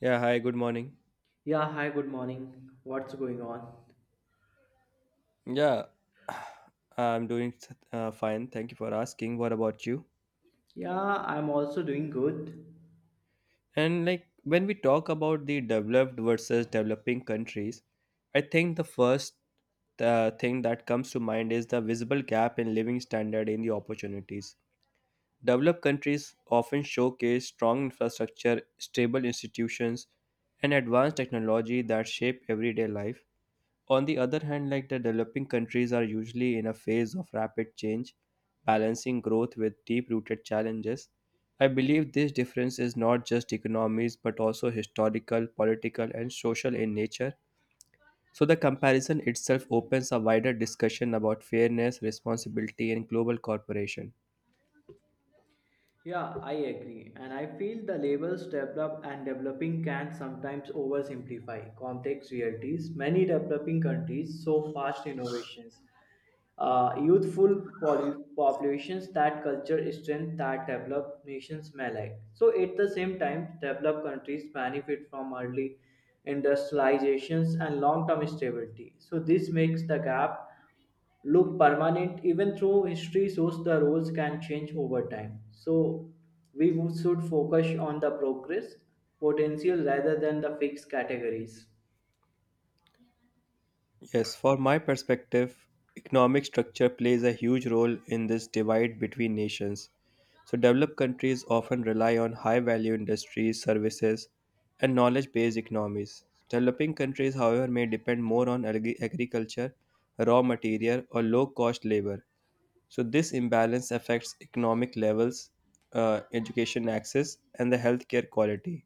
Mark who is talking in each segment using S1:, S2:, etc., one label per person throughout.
S1: Yeah, hi, good morning.
S2: Yeah, hi, good morning. What's going on?
S1: Yeah, I'm doing fine. Thank you for asking. What about you?
S2: Yeah, I'm also doing good.
S1: And like when we talk about the developed versus developing countries, I think the first thing that comes to mind is the visible gap in living standard in the opportunities. Developed countries often showcase strong infrastructure, stable institutions, and advanced technology that shape everyday life. On the other hand, like, the developing countries are usually in a phase of rapid change, balancing growth with deep rooted challenges. I believe this difference is not just economies but also historical, political and social in nature. So the comparison itself opens a wider discussion about fairness, responsibility and global cooperation.
S2: Yeah, I agree. And I feel the labels develop and developing can sometimes oversimplify complex realities. Many developing countries so fast innovations. Youthful populations that culture strength that developed nations may lack. So at the same time, developed countries benefit from early industrializations and long-term stability. So this makes the gap look permanent even though history shows the roles can change over time, so we should focus on the progress potential rather than the fixed categories.
S1: Yes, for my perspective, economic structure plays a huge role in this divide between nations. So, developed countries often rely on high value industries, services, and knowledge based economies. Developing countries, however, may depend more on agriculture, raw material, or low cost labor. So, this imbalance affects economic levels, education access, and the healthcare quality.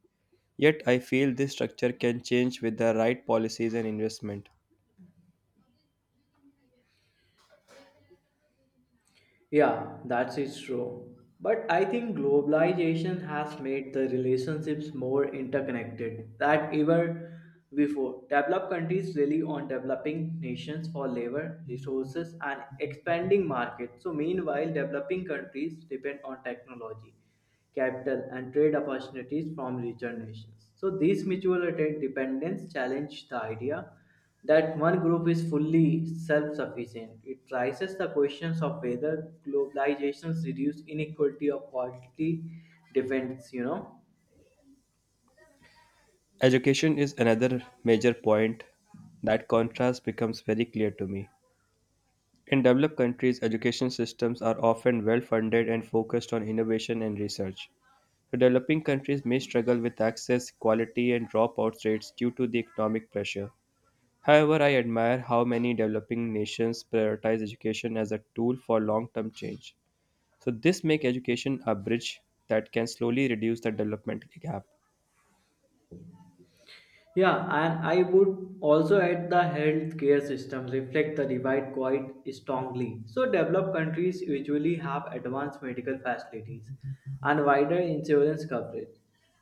S1: Yet, I feel this structure can change with the right policies and investment.
S2: Yeah, that's it's true. But I think globalization has made the relationships more interconnected than ever before. Developed countries rely on developing nations for labor, resources, and expanding markets. So, meanwhile, developing countries depend on technology, capital, and trade opportunities from richer nations. So, these mutual dependence challenge the idea that one group is fully self-sufficient. It raises the questions of whether globalization reduces inequality or quality depends,
S1: Education is another major point that contrast becomes very clear to me. In developed countries, education systems are often well funded and focused on innovation and research. So developing countries may struggle with access, quality, and dropout rates due to the economic pressure. However, I admire how many developing nations prioritize education as a tool for long term change. So, this makes education a bridge that can slowly reduce the development gap.
S2: Yeah, and I would also add the healthcare system reflect the divide quite strongly. So developed countries usually have advanced medical facilities and wider insurance coverage.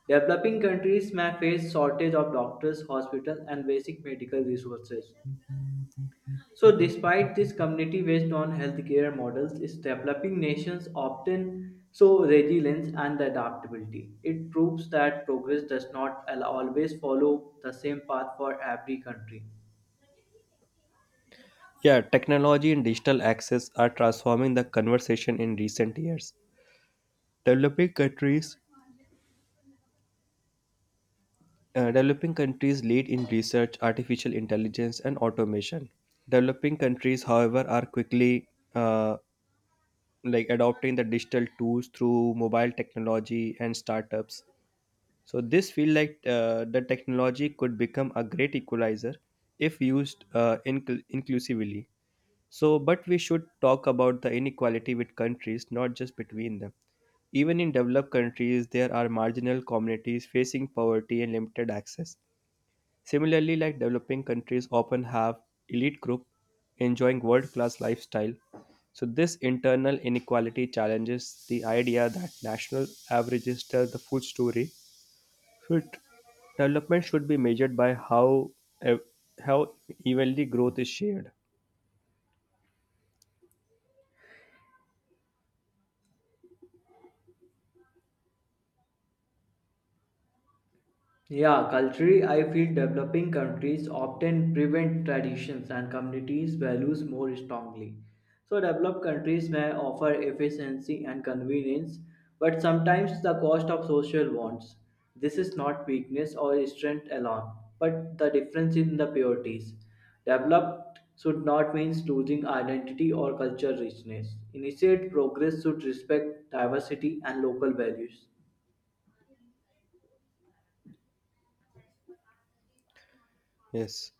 S2: Developing countries may face shortage of doctors, hospitals, and basic medical resources. So, despite this community based on healthcare models, is developing nations often show resilience and adaptability. It proves that progress does not always follow the same path for every country.
S1: Yeah, technology and digital access are transforming the conversation in recent years. Developing countries, Developing countries lead in research, artificial intelligence, and automation. Developing countries, however, are quickly uh, like adopting the digital tools through mobile technology and startups. So this feel like the technology could become a great equalizer if used inclusively. So, but we should talk about the inequality with countries, not just between them. Even in developed countries, there are marginal communities facing poverty and limited access. Similarly, like developing countries often have elite group enjoying world-class lifestyle. So this internal inequality challenges the idea that national averages tell the full story. Should Development should be measured by how ev- how evenly growth is shared.
S2: Yeah, culturally, I feel developing countries often prevent traditions and communities' values more strongly. So, developed countries may offer efficiency and convenience, but sometimes the cost of social wants. This is not weakness or strength alone, but the difference in the priorities. Developed should not mean losing identity or culture richness. Initiate progress should respect diversity and local values.
S1: Yes,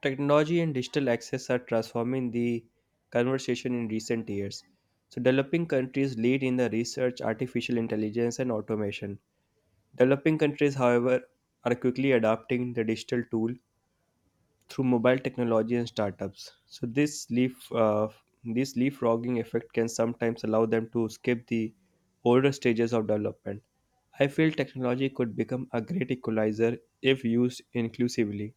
S1: technology and digital access are transforming the conversation in recent years. So developing countries lead in the research, artificial intelligence, and automation. Developing countries, however, are quickly adopting the digital tool through mobile technology and startups. So this leapfrogging effect can sometimes allow them to skip the older stages of development. I feel technology could become a great equalizer if used inclusively.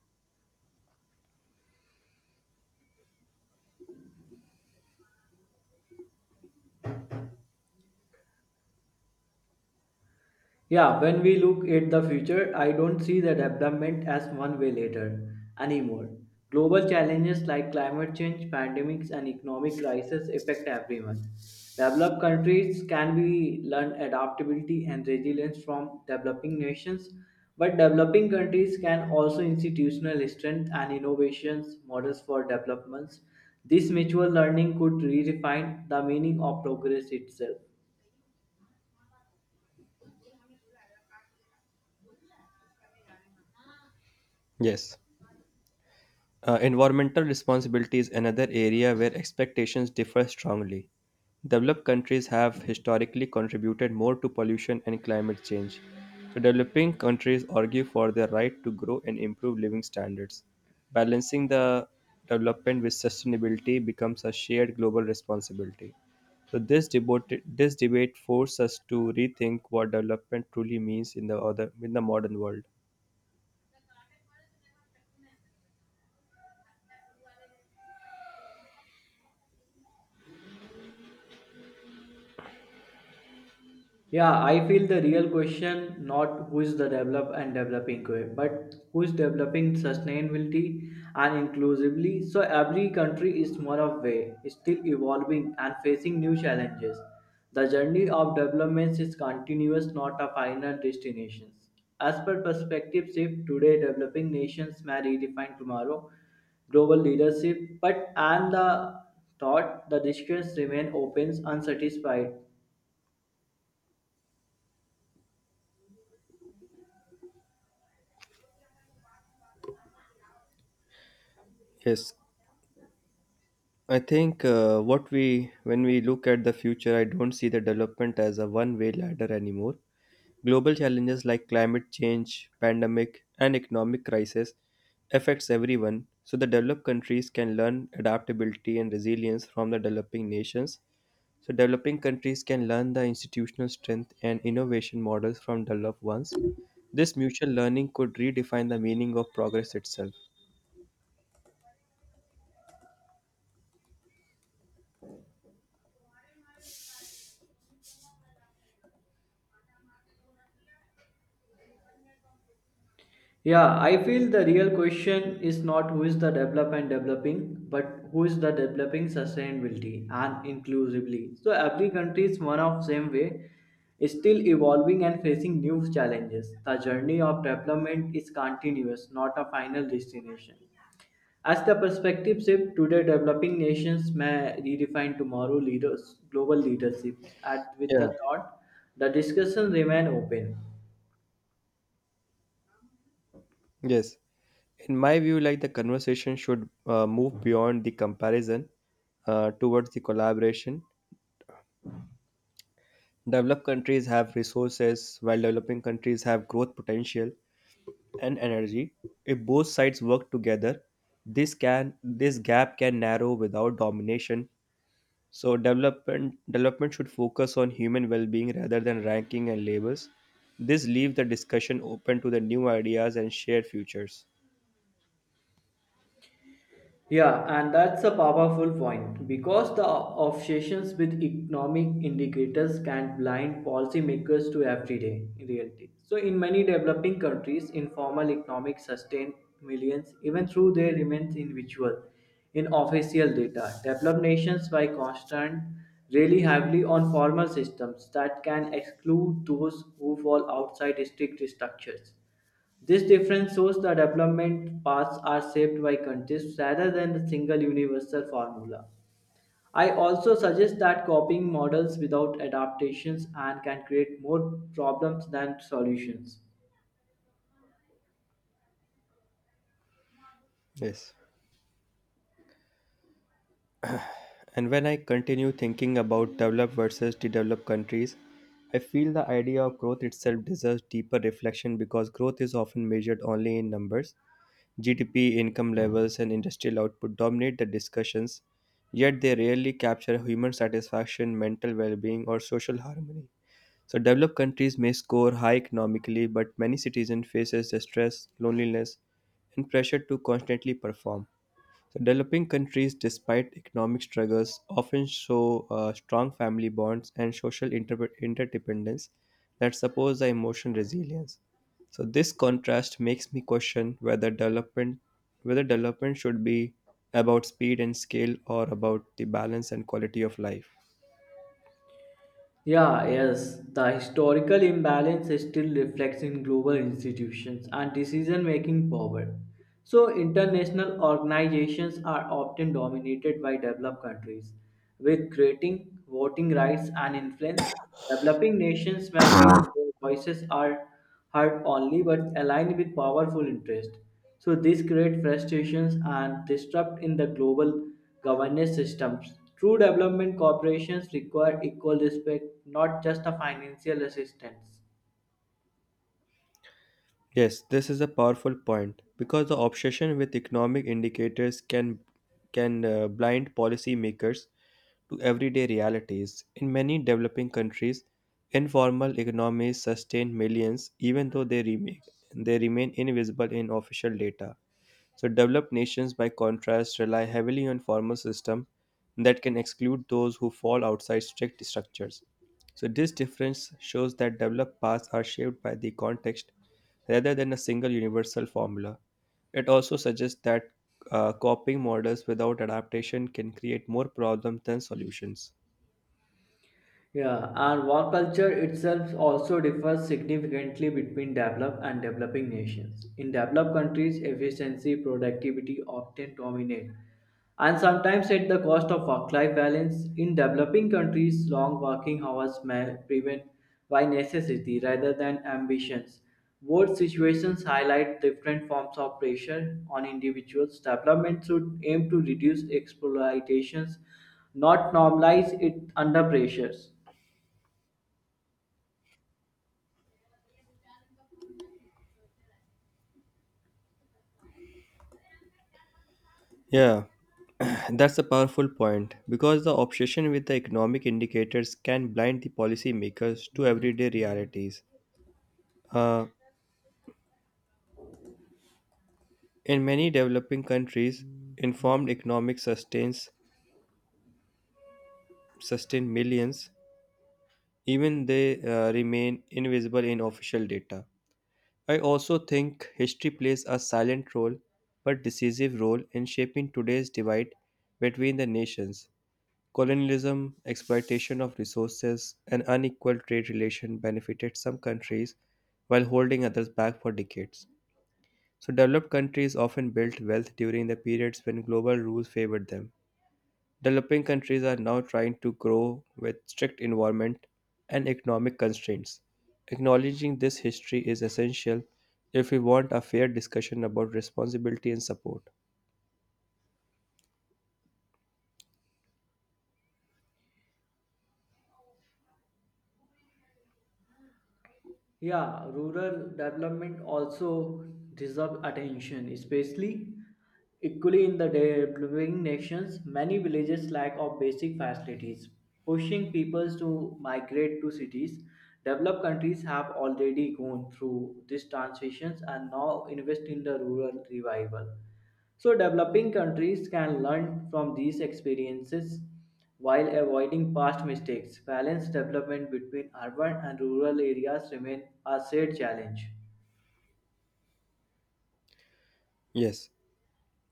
S2: Yeah, when we look at the future, I don't see the development as one way later anymore. Global challenges like climate change, pandemics, and economic crisis affect everyone. Developed countries can be learn adaptability and resilience from developing nations, but developing countries can also institutional strength and innovations models for developments. This mutual learning could redefine the meaning of progress itself.
S1: Yes. Environmental responsibility is another area where expectations differ strongly. Developed countries have historically contributed more to pollution and climate change. The developing countries argue for their right to grow and improve living standards. Balancing the development with sustainability becomes a shared global responsibility. So this debate forces us to rethink what development truly means in the modern world.
S2: Yeah, I feel the real question not who is the develop and developing but who is developing sustainability and inclusively. So every country is more of way, is still evolving and facing new challenges. The journey of development is continuous, not a final destination. As per perspective shift, today developing nations may redefine tomorrow global leadership, but and the thought the discussions remain open, unsatisfied.
S1: Yes, I think what we when we look at the future, I don't see the development as a one-way ladder anymore. Global challenges like climate change, pandemic, and economic crisis affects everyone. So the developed countries can learn adaptability and resilience from the developing nations. So developing countries can learn the institutional strength and innovation models from developed ones. This mutual learning could redefine the meaning of progress itself.
S2: Yeah, I feel the real question is not who is the developer and developing, but who is the developing sustainability and inclusively. So every country is one of same way, is still evolving and facing new challenges. The journey of development is continuous, not a final destination. As the perspective shift, today developing nations may redefine tomorrow leaders, global leadership. And with
S1: Yeah,
S2: the thought, the discussion remain open.
S1: yes, in my view, like the conversation should move beyond the comparison towards the collaboration. Developed countries have resources, while developing countries have growth potential and energy. If both sides work together, this gap can narrow without domination. So development should focus on human well-being rather than ranking and labels. This leaves the discussion open to the new ideas and shared futures.
S2: Yeah, and that's a powerful point because the obsessions with economic indicators can blind policymakers to everyday reality. So, in many developing countries, informal economic sustain millions even through they remains invisible in official data. Developed nations, by constant, rely heavily on formal systems that can exclude those who fall outside strict structures. This difference shows that development paths are shaped by context rather than a single universal formula. I also suggest that copying models without adaptations and can create more problems than solutions.
S1: Yes. And when I continue thinking about developed versus developed countries, I feel the idea of growth itself deserves deeper reflection because growth is often measured only in numbers. GDP, income levels, and industrial output dominate the discussions, yet they rarely capture human satisfaction, mental well being, or social harmony. So, developed countries may score high economically, but many citizens faces the stress, loneliness, and pressure to constantly perform. So developing countries, despite economic struggles, often show strong family bonds and social interdependence that support the emotional resilience. So this contrast makes me question whether development should be about speed and scale or about the balance and quality of life.
S2: Yeah, yes, the historical imbalance still reflects in global institutions and decision making power. So, international organizations are often dominated by developed countries, with creating voting rights and influence. Developing nations may feel their voices are heard only but aligned with powerful interests. So these create frustrations and disrupt in the global governance systems. True development corporations require equal respect, not just a financial assistance.
S1: Yes, this is a powerful point because the obsession with economic indicators can blind policymakers to everyday realities. In many developing countries, informal economies sustain millions even though they remain invisible in official data. So developed nations, by contrast, rely heavily on formal systems that can exclude those who fall outside strict structures. So this difference shows that developed paths are shaped by the context rather than a single universal formula. It also suggests that copying models without adaptation can create more problems than solutions.
S2: Yeah, and war culture itself also differs significantly between developed and developing nations. In developed countries, efficiency, productivity often dominate, and sometimes at the cost of work-life balance. In developing countries, long working hours may prevent by necessity rather than ambitions. Both situations highlight different forms of pressure on individuals. Development should aim to reduce exploitations, not normalize it under pressures.
S1: Yeah, that's a powerful point because the obsession with the economic indicators can blind the policymakers to everyday realities. Uh, In many developing countries, informed economic sustain millions, even they remain invisible in official data. I also think history plays a silent role but decisive role in shaping today's divide between the nations. Colonialism, exploitation of resources, and unequal trade relations benefited some countries while holding others back for decades. So, developed countries often built wealth during the periods when global rules favored them. Developing countries are now trying to grow with strict environment and economic constraints. Acknowledging this history is essential if we want a fair discussion about responsibility and support.
S2: Yeah, rural development also deserves attention, especially equally in the developing nations. Many villages lack of basic facilities, pushing peoples to migrate to cities. Developed countries have already gone through these transitions and now invest in the rural revival. So, developing countries can learn from these experiences while avoiding past mistakes, balanced development between urban and rural areas remain a shared challenge.
S1: Yes,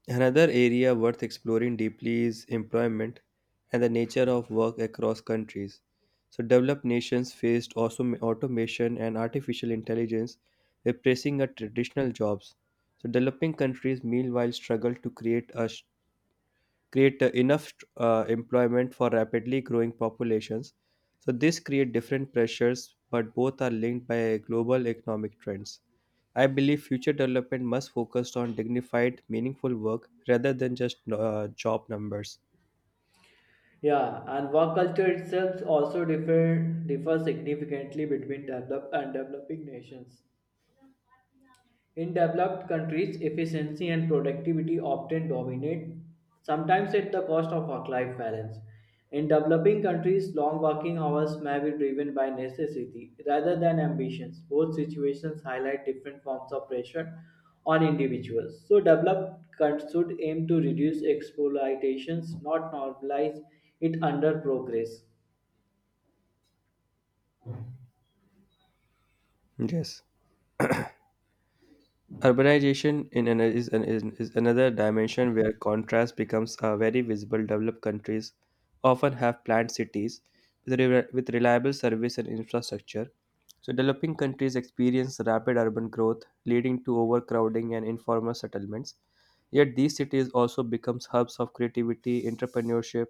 S1: another area worth exploring deeply is employment and the nature of work across countries. So, developed nations faced also automation and artificial intelligence, replacing our traditional jobs. So, developing countries meanwhile struggle to create enough employment for rapidly growing populations. So this create different pressures, but both are linked by global economic trends. I believe future development must focus on dignified, meaningful work rather than just job numbers.
S2: Yeah, and work culture itself also differs significantly between developed and developing nations. In developed countries, efficiency and productivity often dominate, sometimes at the cost of work life balance. In developing countries, long working hours may be driven by necessity rather than ambitions. Both situations highlight different forms of pressure on individuals. So, developed countries should aim to reduce exploitations, not normalize it under progress.
S1: Yes. Urbanization in an, is another dimension where contrast becomes very visible. Developed countries often have planned cities with, with reliable service and infrastructure. So, developing countries experience rapid urban growth, leading to overcrowding and informal settlements. Yet, these cities also become hubs of creativity, entrepreneurship,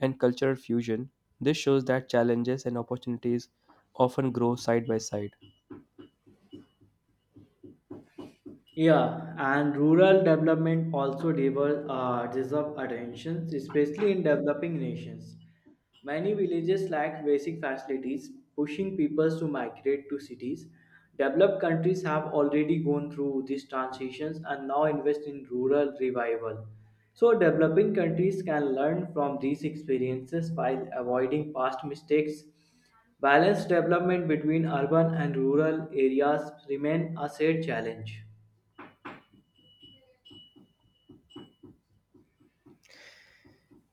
S1: and cultural fusion. This shows that challenges and opportunities often grow side by side.
S2: Yeah, and rural development also deserve attention, especially in developing nations. Many villages lack basic facilities, pushing peoples to migrate to cities. Developed countries have already gone through these transitions and now invest in rural revival. So, developing countries can learn from these experiences while avoiding past mistakes. Balanced development between urban and rural areas remain a shared challenge.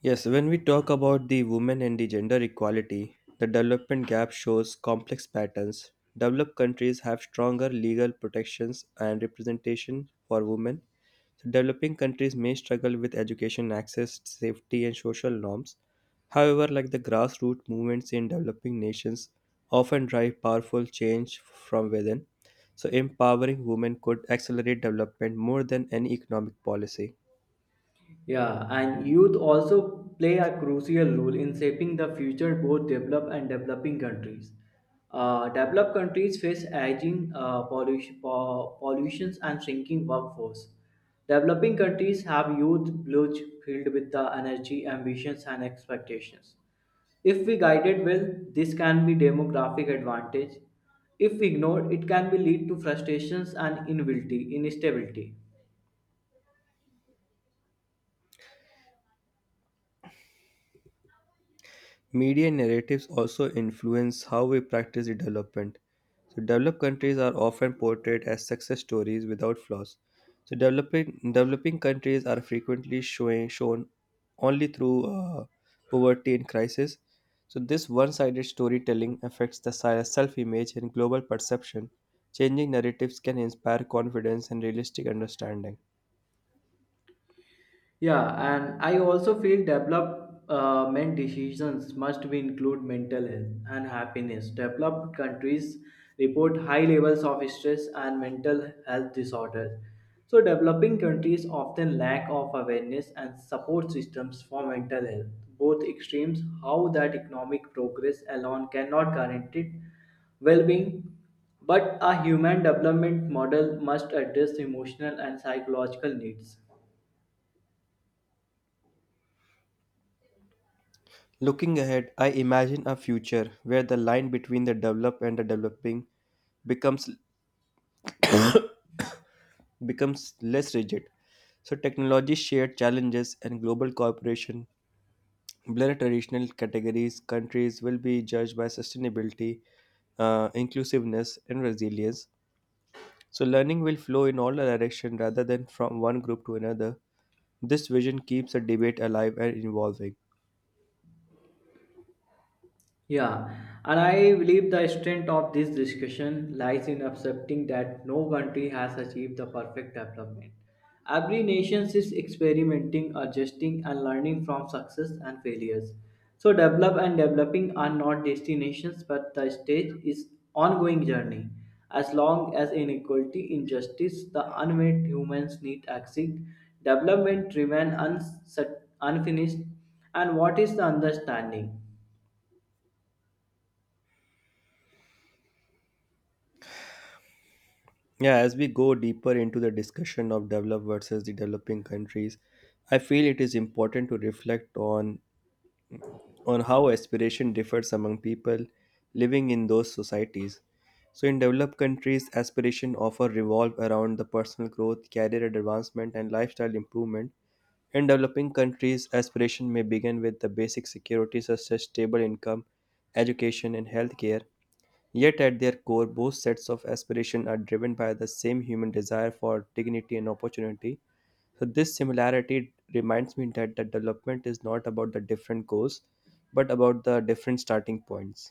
S1: Yes, when we talk about the women and the gender equality, the development gap shows complex patterns. Developed countries have stronger legal protections and representation for women. So developing countries may struggle with education access, safety, and social norms. However, like the grassroots movements in developing nations often drive powerful change from within. So empowering women could accelerate development more than any economic policy.
S2: Yeah, and youth also play a crucial role in shaping the future both developed and developing countries. Developed countries face aging pollutions and shrinking workforce. Developing countries have youth bloods filled with the energy, ambitions, and expectations. If we guide it well, this can be demographic advantage. If ignored, it can be lead to frustrations and instability.
S1: Media narratives also influence how we practice the development. So developed countries are often portrayed as success stories without flaws. So developing countries are frequently showing shown only through poverty and crisis. So this one-sided storytelling affects the self-image and global perception. Changing narratives can inspire confidence and realistic understanding.
S2: Yeah, and I also feel development decisions must be include mental health and happiness. Developed countries report high levels of stress and mental health disorders. So developing countries often lack of awareness and support systems for mental health. Both extremes, how that economic progress alone cannot guarantee well-being, but a human development model must address emotional and psychological needs.
S1: Looking ahead, I imagine a future where the line between the developed and the developing becomes becomes less rigid. So technology's shared challenges and global cooperation blur traditional categories. Countries will be judged by sustainability, inclusiveness, and resilience. So learning will flow in all directions rather than from one group to another. This vision keeps the debate alive and evolving.
S2: Yeah, and I believe the strength of this discussion lies in accepting that no country has achieved the perfect development. Every nation is experimenting, adjusting, and learning from success and failures. So, develop and developing are not destinations, but the stage is ongoing journey. As long as inequality, injustice, the unmet humans need exist, development unfinished. And what is the understanding?
S1: Yeah, as we go deeper into the discussion of developed versus the developing countries, I feel it is important to reflect on how aspiration differs among people living in those societies. So, in developed countries, aspiration often revolve around the personal growth, career advancement, and lifestyle improvement. In developing countries, aspiration may begin with the basic securities such as stable income, education, and healthcare. Yet, at their core, both sets of aspiration are driven by the same human desire for dignity and opportunity. So this similarity reminds me that the development is not about the different goals, but about the different starting points.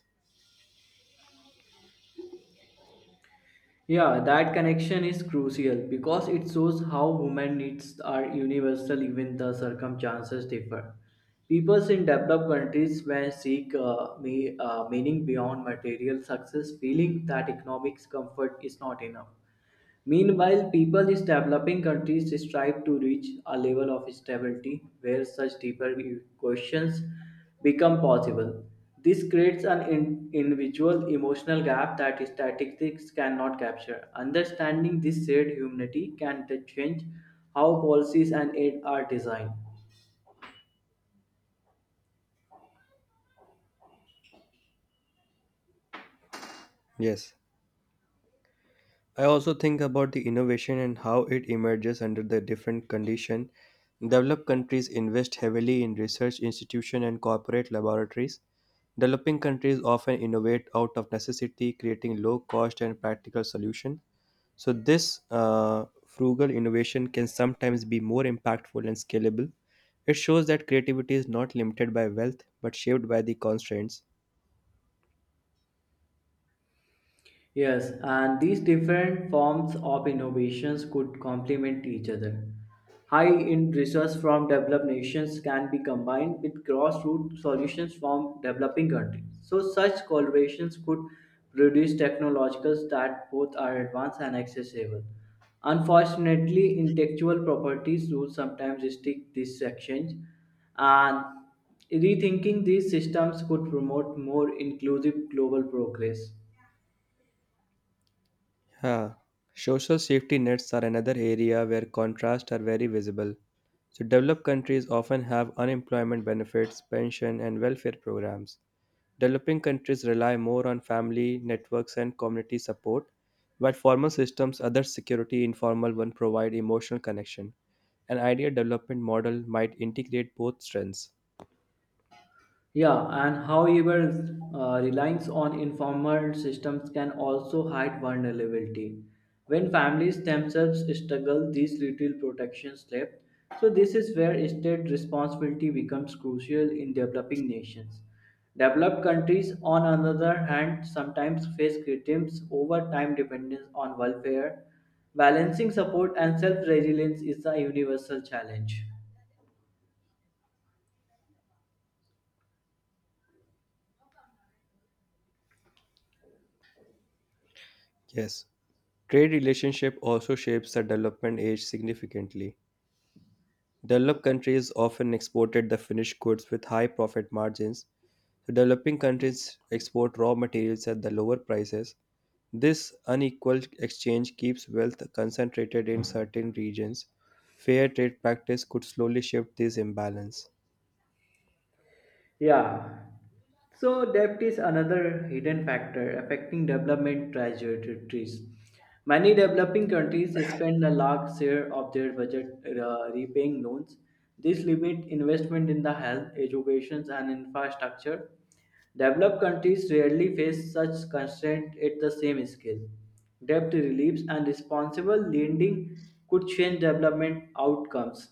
S2: Yeah, that connection is crucial because it shows how human needs are universal even the circumstances differ. Peoples in developed countries may seek meaning beyond material success, feeling that economic comfort is not enough. Meanwhile, people in developing countries strive to reach a level of stability where such deeper questions become possible. This creates an individual emotional gap that statistics cannot capture. Understanding this shared humanity can change how policies and aid are designed.
S1: Yes. I also think about the innovation and how it emerges under the different condition. Developed countries invest heavily in research institution and corporate laboratories. Developing countries often innovate out of necessity, creating low cost and practical solution. So, this frugal innovation can sometimes be more impactful and scalable. It shows that creativity is not limited by wealth but shaped by the constraints.
S2: Yes, and these different forms of innovations could complement each other. High-end research from developed nations can be combined with grassroots solutions from developing countries. So such collaborations could produce technologies that both are advanced and accessible. Unfortunately, intellectual properties rules sometimes restrict this exchange, and rethinking these systems could promote more inclusive global progress.
S1: Yeah. Social safety nets are another area where contrasts are very visible. So, developed countries often have unemployment benefits, pension, and welfare programs. Developing countries rely more on family networks and community support, while formal systems, other security informal ones, provide emotional connection. An ideal development model might integrate both strengths.
S2: Yeah, and however, reliance on informal systems can also hide vulnerability. When families themselves struggle, these little protections left. So this is where state responsibility becomes crucial in developing nations. Developed countries, on another hand, sometimes face criticisms over time dependence on welfare. Balancing support and self-resilience is a universal challenge.
S1: Yes. Trade relationship also shapes the development age significantly. Developed countries often exported the finished goods with high profit margins. So developing countries export raw materials at the lower prices. This unequal exchange keeps wealth concentrated in certain regions. Fair trade practice could slowly shift this imbalance.
S2: Yeah. So debt is another hidden factor affecting development trajectories. Many developing countries spend a large share of their budget repaying loans. This limits investment in the health, education, and infrastructure. Developed countries rarely face such constraints at the same scale. Debt reliefs and responsible lending could change development outcomes.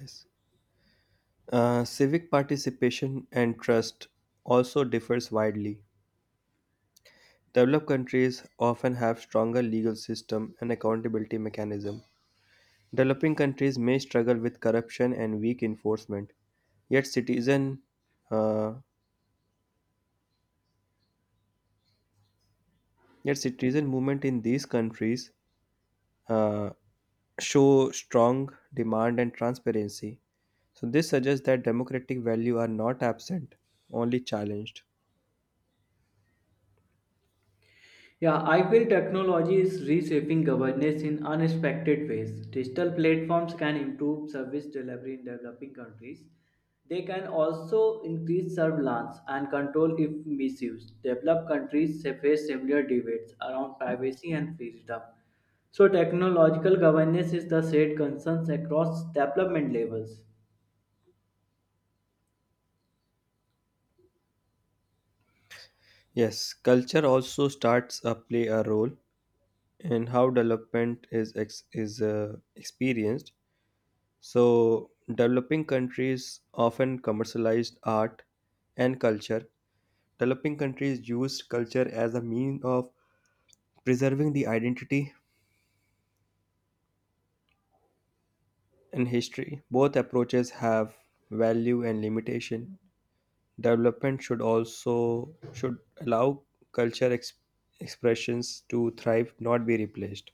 S1: Yes. Civic participation and trust also differs widely. Developed countries often have stronger legal system and accountability mechanism. Developing countries may struggle with corruption and weak enforcement, yet citizen uh, yet citizen movement in these countries uh, show strong demand and transparency. So this suggests that democratic value are not absent, only challenged.
S2: Yeah, I feel technology is reshaping governance in unexpected ways. Digital platforms can improve service delivery in developing countries. They can also increase surveillance and control if misused. Developed countries face similar debates around privacy and freedom. So, technological governance is the shared concerns across development levels.
S1: Yes, culture also starts play a role in how development is experienced. So developing countries often commercialized art and culture. Developing countries used culture as a means of preserving the identity in history. Both approaches have value and limitation. Development should allow culture ex- expressions to thrive, not be replaced.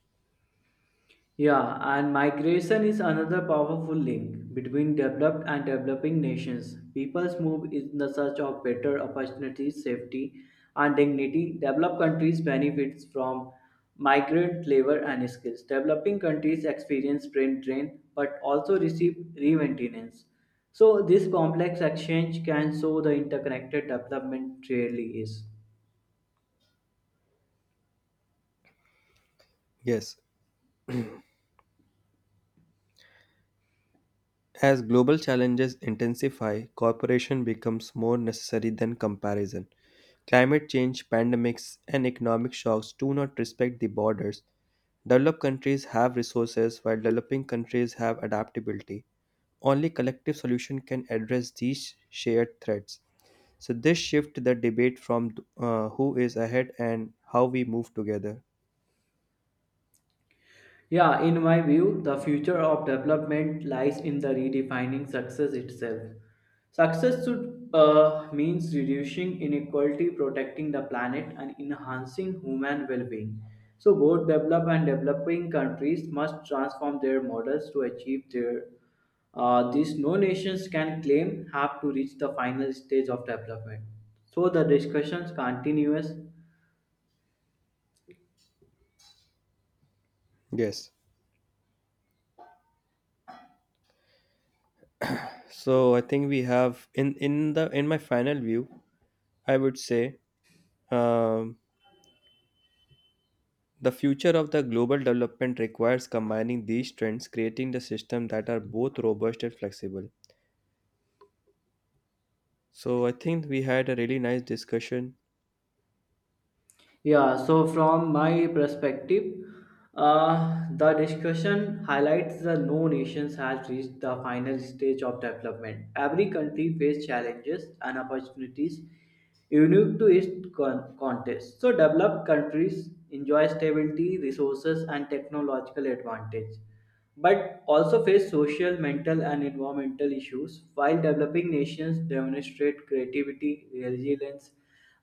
S2: Yeah, and migration is another powerful link between developed and developing nations. Peoples move in the search of better opportunities, safety, and dignity. Developed countries benefit from migrant labor and skills. Developing countries experience brain drain but also receive re-maintenance. So this complex exchange can show the interconnected development really is.
S1: Yes, as global challenges intensify, cooperation becomes more necessary than comparison. Climate change, pandemics, and economic shocks do not respect the borders. Developed countries have resources while developing countries have adaptability. Only collective solution can address these shared threats. So this shift the debate from who is ahead and how we move together.
S2: Yeah, in my view, the future of development lies in the redefining success itself. Success should means reducing inequality, protecting the planet, and enhancing human well-being. So both developed and developing countries must transform their models to achieve their. These no nations can claim have to reach the final stage of development. So the discussions continues.
S1: Yes. So I think we have in the in my final view, I would say um, the future of the global development requires combining these trends, creating the system that are both robust and flexible. So I think we had a really nice discussion.
S2: Yeah, so from my perspective, the discussion highlights that no nations has reached the final stage of development. Every country faces challenges and opportunities unique to its context. So, developed countries enjoy stability, resources, and technological advantage, but also face social, mental, and environmental issues, while developing nations demonstrate creativity, resilience,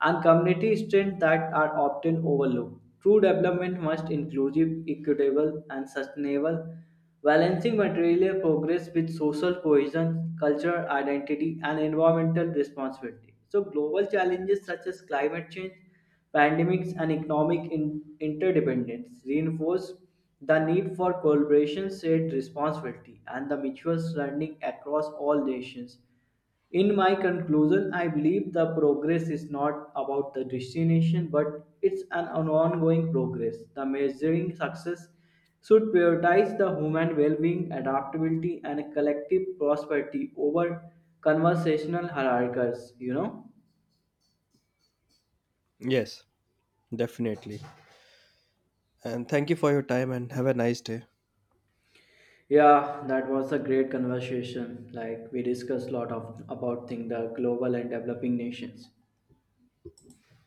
S2: and community strength that are often overlooked. True development must inclusive, equitable, and sustainable, balancing material progress with social cohesion, cultural identity, and environmental responsibility. So, global challenges such as climate change, pandemics and economic interdependence reinforce the need for collaboration, shared responsibility, and the mutual learning across all nations. In my conclusion, I believe the progress is not about the destination, but it's an ongoing progress. The measuring success should prioritize the human well-being, adaptability, and collective prosperity over conversational hierarchies.
S1: Yes, definitely. And thank you for your time and have a nice day.
S2: Yeah, that was a great conversation. Like we discussed a lot of about thing the global and developing nations.